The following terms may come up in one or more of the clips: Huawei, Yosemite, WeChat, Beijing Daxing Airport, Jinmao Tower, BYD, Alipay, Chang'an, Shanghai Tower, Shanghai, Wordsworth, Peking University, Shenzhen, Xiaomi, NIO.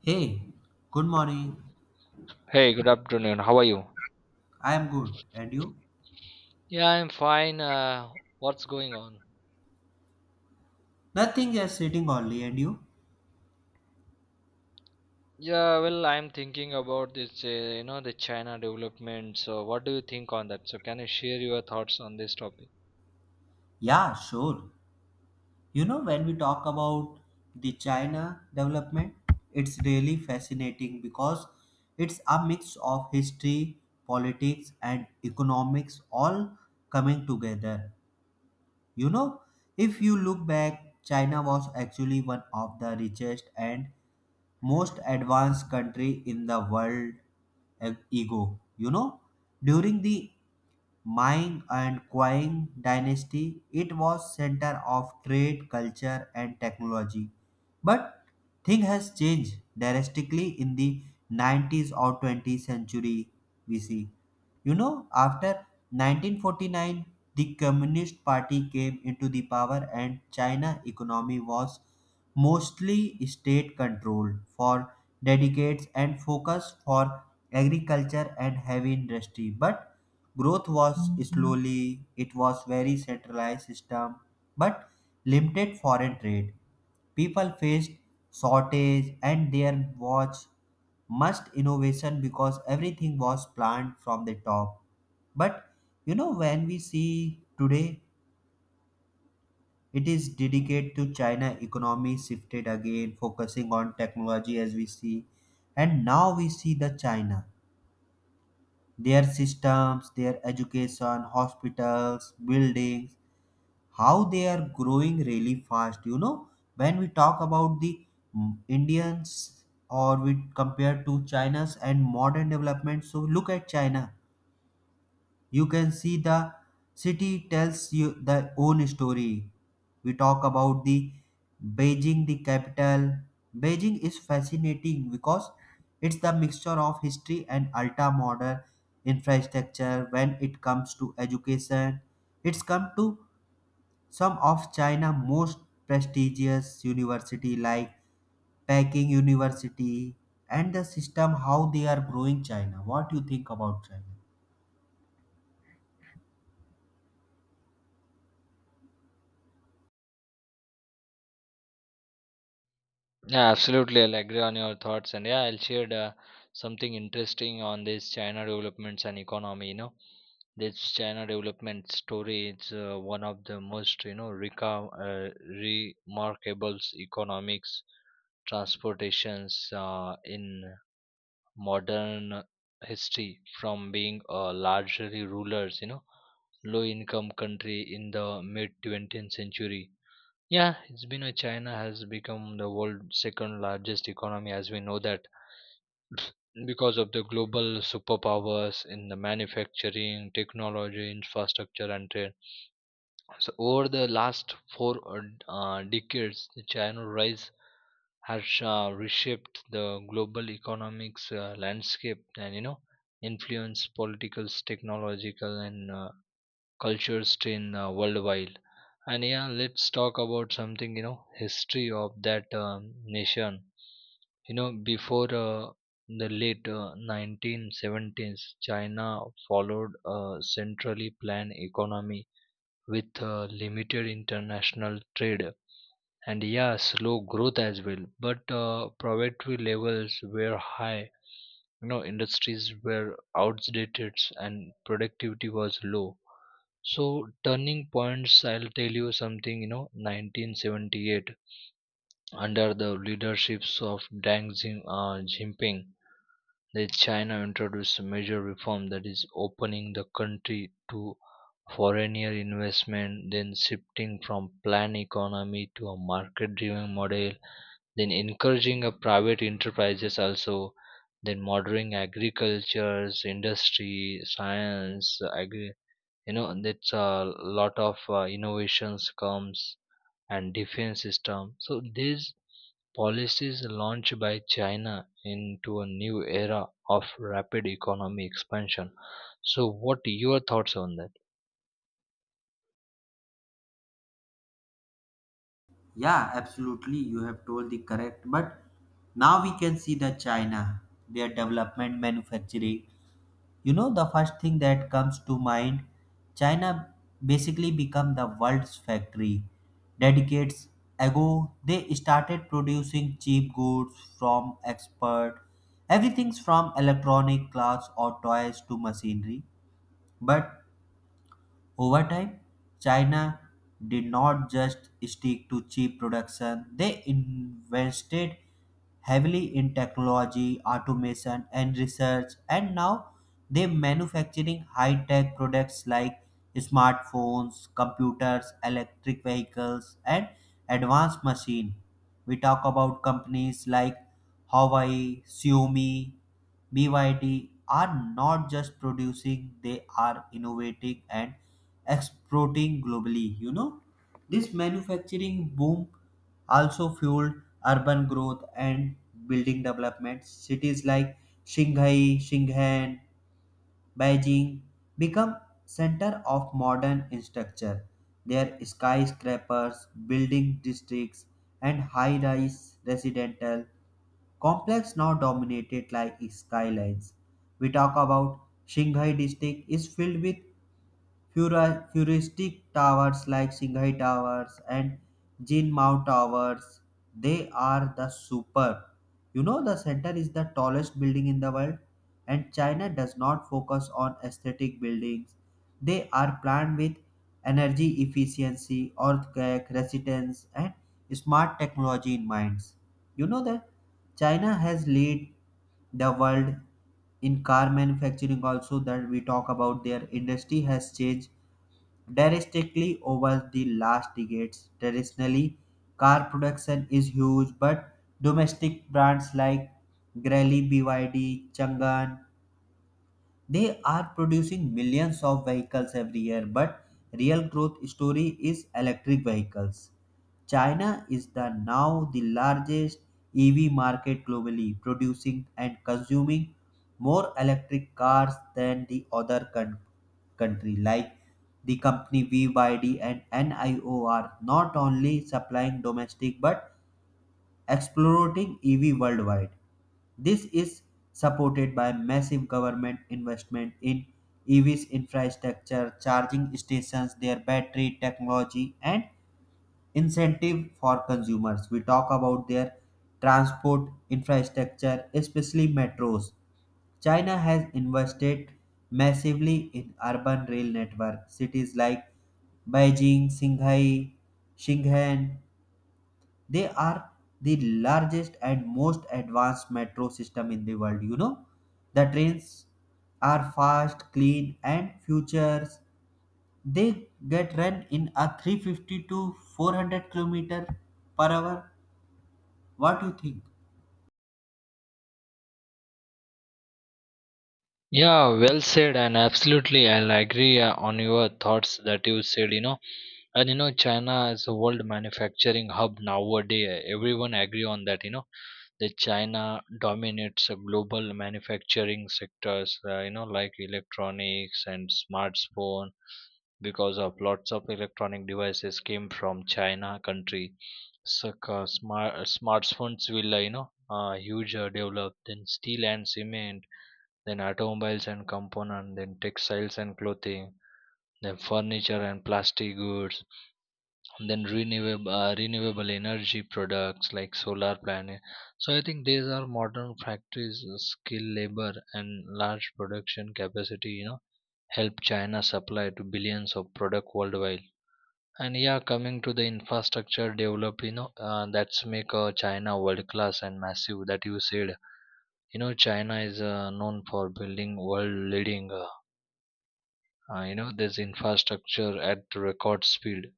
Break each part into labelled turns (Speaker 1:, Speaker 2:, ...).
Speaker 1: Hey, good morning.
Speaker 2: Hey, good afternoon. How are you?
Speaker 1: I am good. And you?
Speaker 2: Yeah, I'm fine. What's going on?
Speaker 1: Nothing just sitting only. And you?
Speaker 2: Yeah, well, I'm thinking about this, the China development. So, what do you think on that? So, can you share your thoughts on this topic?
Speaker 1: Yeah, sure. You know, when we talk about the China development, it's really fascinating because it's a mix of history, politics, and economics all coming together. You know, if you look back, China was actually one of the richest and most advanced country in the world e- ego. You know, during the Ming and Qing dynasty, it was center of trade, culture, and technology. But thing has changed drastically in the 90s or 20th century. We see. You know, after 1949, the Communist Party came into the power and China economy was mostly state controlled for decades and focused for agriculture and heavy industry. But growth was slowly, it was very centralized system, but limited foreign trade. People faced shortage and their was must innovation because everything was planned from the top. But you know, when we see today, it is dedicated to China economy shifted again focusing on technology as we see, and now we see the China, their systems, their education, hospitals, buildings, how they are growing really fast. You know, when we talk about the indians, or we compare to china's and modern development, so look at china, you can see the city tells you the own story. We talk about the beijing, the capital. Beijing is fascinating because it's the mixture of history and ultra modern infrastructure. When it comes to education, it's come to some of China's most prestigious university like Peking University, and the system how they are growing China. What do you think about China?
Speaker 2: Yeah, absolutely. I'll agree on your thoughts. And yeah, I'll share something interesting on this China developments and economy. You know, this China development story is one of the most, remarkable economics transportations in modern history, from being a largely rulers, you know, low income country in the mid 20th century. Yeah, it's been a China has become the world's second largest economy, as we know that, because of the global superpowers in the manufacturing, technology, infrastructure and trade. So over the last four decades, the China rise has reshaped the global economics landscape, and you know, influenced political, technological, and cultures in worldwide. And yeah, let's talk about something, you know, history of that nation. You know, before the late 1970s, China followed a centrally planned economy with limited international trade, and yeah, slow growth as well. But poverty levels were high, you know, industries were outdated and productivity was low. So turning points, I'll tell you something, you know, 1978, under the leaderships of deng Jinping, that China introduced a major reform, that is opening the country to foreigner investment, then shifting from planned economy to a market driven model, then encouraging a private enterprises also, then modern agricultures, industry, science, you know, that's a lot of innovations comes, and defense system. So these policies launched by China into a new era of rapid economic expansion. So what your thoughts on that?
Speaker 1: Yeah, absolutely. You have told the correct. But now we can see that China, their development, manufacturing. You know, the first thing that comes to mind, China basically become the world's factory. Decades ago, they started producing cheap goods from export, everything from electronic clothes or toys to machinery. But over time, China did not just stick to cheap production, they invested heavily in technology, automation, and research, and now they're manufacturing high tech products like smartphones, computers, electric vehicles, and advanced machine. We talk about companies like Huawei, Xiaomi, BYD are not just producing, they are innovating and exporting globally. You know, this manufacturing boom also fueled urban growth and building development. Cities like shanghai, shenzhen, beijing become center of modern infrastructure. Their skyscrapers, building districts, and high rise residential complex now dominated like skylines. We talk about Shanghai district is filled with futuristic towers like Shanghai Towers and Jinmao Towers. They are the super. You know, the center is the tallest building in the world, and China does not focus on aesthetic buildings. They are planned with energy efficiency, earthquake resistance, and smart technology in minds. You know that China has led the world in car manufacturing also. That we talk about, their industry has changed drastically over the last decades. Traditionally, car production is huge, but domestic brands like Grelli, BYD, Chang'an, they are producing millions of vehicles every year, but real growth story is electric vehicles. China is the now the largest EV market globally, producing and consuming more electric cars than the other country, like the company VYD and NIO are not only supplying domestic but exploiting EV worldwide. This is supported by massive government investment in EVs infrastructure, charging stations, their battery technology, and incentive for consumers. We talk about their transport infrastructure, especially metros. China has invested massively in urban rail network. Cities like Beijing, Shanghai, Shenzhen, they are the largest and most advanced metro system in the world. You know, the trains are fast, clean, and futures. They get run in a 350 to 400 kilometer per hour. What do you think?
Speaker 2: Yeah, well said, and absolutely, I'll agree on your thoughts that you said. You know, and you know, China is a world manufacturing hub nowadays. Everyone agree on that. You know, that China dominates global manufacturing sectors. Like electronics and smartphone, because of lots of electronic devices came from China country. So smartphones will huge develop, then steel and cement, then automobiles and component, then textiles and clothing, then furniture and plastic goods, and then renewable energy products like solar planet. So I think these are modern factories, skilled labor and large production capacity. You know, help China supply to billions of product worldwide. And yeah, coming to the infrastructure developed, you know, that's make China world class and massive. That you said, you know, China is known for building world leading, this infrastructure at record speed.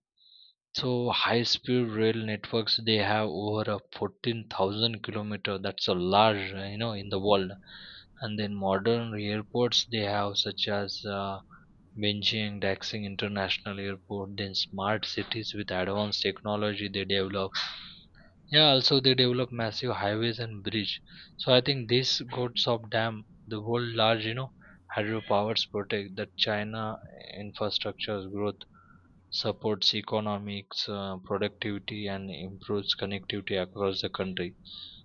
Speaker 2: So high speed rail networks, they have over a 14,000 kilometers. That's a large, you know, in the world. And then modern airports they have such as. Beijing, Daxing International Airport, then smart cities with advanced technology they develop. Yeah, also they develop massive highways and bridge. So I think this Gotsop Dam, the world large, you know, hydropowers protect that China infrastructure's growth supports economics, productivity, and improves connectivity across the country.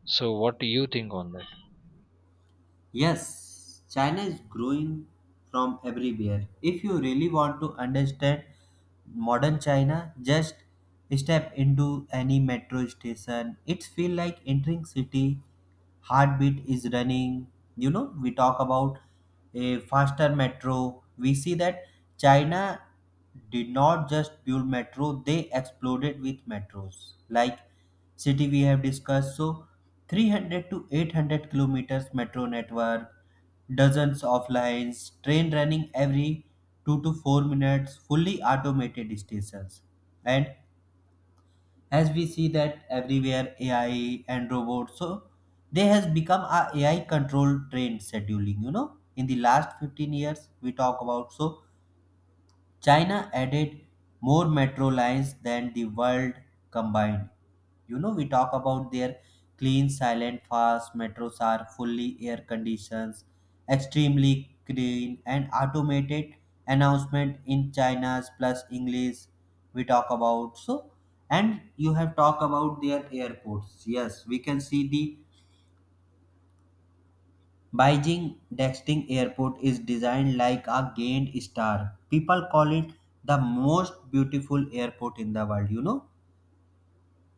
Speaker 2: So what do you think on that?
Speaker 1: Yes, China is growing from everywhere. If you really want to understand modern China, just step into any metro station. It's feel like entering city. Heartbeat is running. You know, we talk about a faster metro. We see that China did not just build metro, they exploded with metros. Like city we have discussed, so 300 to 800 kilometers metro network, dozens of lines, train running every 2 to 4 minutes, fully automated stations. And as we see that everywhere ai and robots, so they has become a ai control trained scheduling. You know, in the last 15 years, we talk about, so China added more metro lines than the world combined. You know, we talk about their clean, silent, fast metros are fully air conditioned, extremely clean, and automated announcement in China's plus English. We talk about so, and you have talked about their airports. Yes, we can see the Beijing Daxing Airport is designed like a giant star. People call it the most beautiful airport in the world, you know,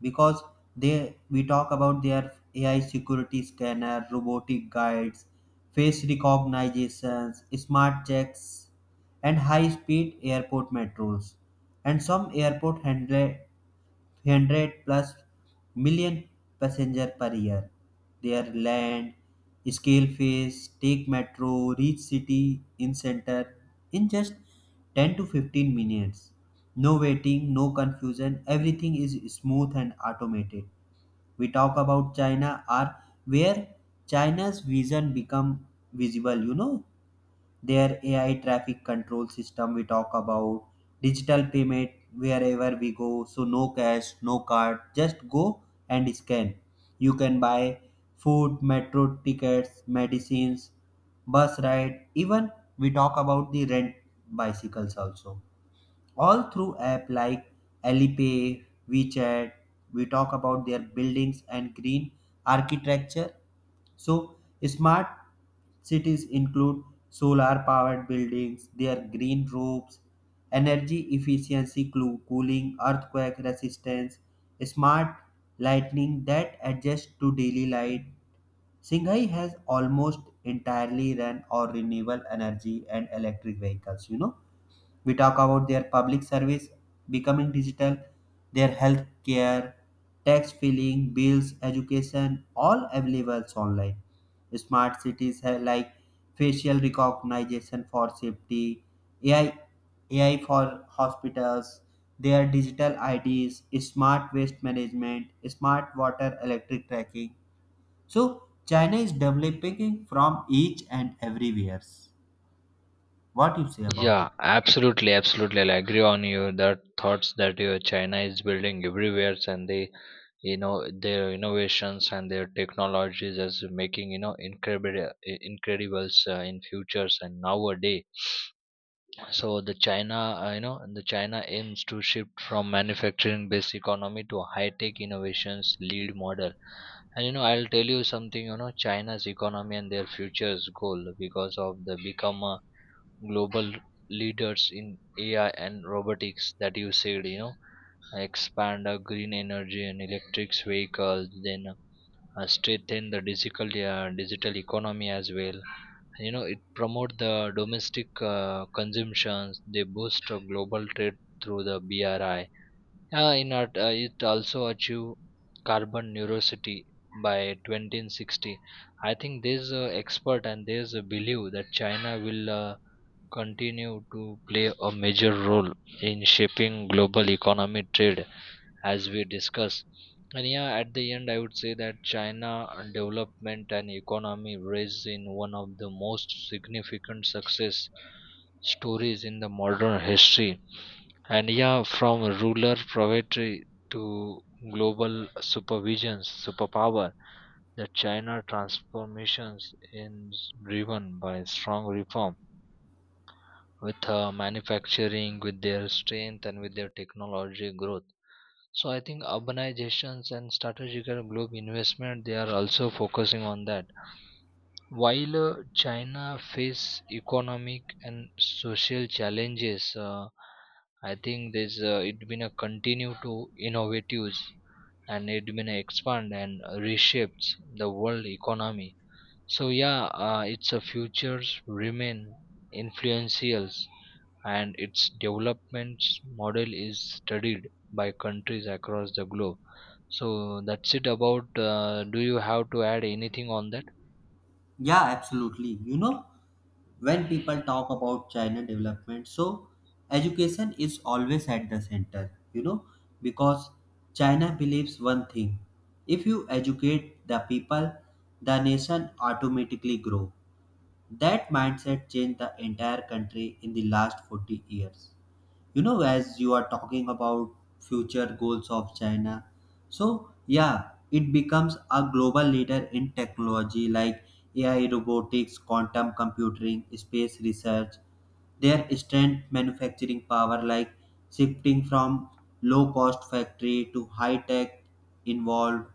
Speaker 1: because they, we talk about their AI security scanner, robotic guides, face recognitions, smart checks, and high-speed airport metros. And some airport handle 300 plus million passenger per year. Their land, scale phase, take metro, reach city in center in just 10 to 15 minutes. No waiting, no confusion, everything is smooth and automated. We talk about China are where China's vision become visible. You know, their AI traffic control system we talk about, digital payment wherever we go. So no cash, no card, just go and scan. You can buy food, metro tickets, medicines, bus ride, even we talk about the rent bicycles also, all through app like Alipay, WeChat. We talk about their buildings and green architecture. So smart cities include solar powered buildings, their green roofs, energy efficiency cooling, earthquake resistance, smart lighting that adjusts to daily light. Singhai has almost entirely run on renewable energy and electric vehicles. You know, we talk about their public service becoming digital, their health care, tax filing, bills, education, all available online. Smart cities have like facial recognition for safety, ai ai for hospitals, their digital ids, smart waste management, smart water electric tracking. So china is developing from each and everywhere. What you say about it?
Speaker 2: Yeah, absolutely, absolutely. I agree on you that thoughts that you China is building everywhere, and they, you know, their innovations and their technologies is making, you know, incredibles in futures and nowadays. So the china you know the china aims to shift from manufacturing based economy to high tech innovations lead model. And you know, I'll tell you something, you know, China's economy and their futures goal, because of the become a global leaders in AI and robotics that you said, you know, expand green energy and electric vehicles, then strengthen the digital economy as well. You know, it promote the domestic consumptions. They boost global trade through the BRI. In art, it also achieve carbon neutrality by 2060. I think there's a expert and there's a belief that China will. Continue to play a major role in shaping global economy trade, as we discuss. And yeah, at the end I would say that China development and economy raised in one of the most significant success stories in the modern history. And yeah, from ruler proprietary to global supervisions superpower, the China transformations is driven by strong reform with manufacturing, with their strength, and with their technology growth. So I think urbanizations and strategic globe investment, they are also focusing on that. While China face economic and social challenges, I think there's it been a continue to innovatives, and it been a expand and reshapes the world economy. So yeah, its a futures remain influential, and its development model is studied by countries across the globe. So that's it about. Do you have to add anything on that?
Speaker 1: Yeah, absolutely. You know, when people talk about china development, so education is always at the center. You know, because china believes one thing, if you educate the people, the nation automatically grow. That mindset changed the entire country in the last 40 years. You know, as you are talking about future goals of china, so yeah, it becomes a global leader in technology like ai, robotics, quantum computing, space research, their strength manufacturing power, like shifting from low cost factory to high tech involved.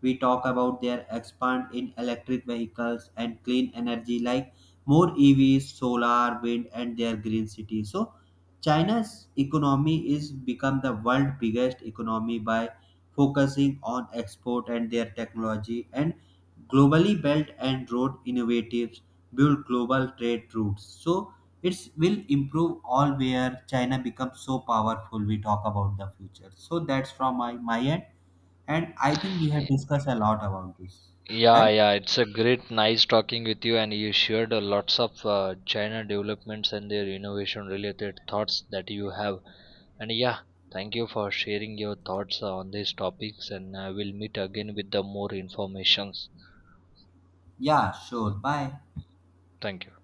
Speaker 1: We talk about their expand in electric vehicles and clean energy, like more evs, solar, wind, and their green city. So China's economy is become the world biggest economy by focusing on export and their technology, and globally belt and road innovatives build global trade routes. So it will improve all where China becomes so powerful. We talk about the future. So that's from my, end. And I think we have discussed a lot about this,
Speaker 2: Yeah,
Speaker 1: right?
Speaker 2: yeah, it's a great, nice talking with you, and you shared a lots of china developments and their innovation related thoughts that you have. And yeah, thank you for sharing your thoughts on these topics, and I will meet again with the more informations.
Speaker 1: Yeah, sure. Bye.
Speaker 2: Thank you.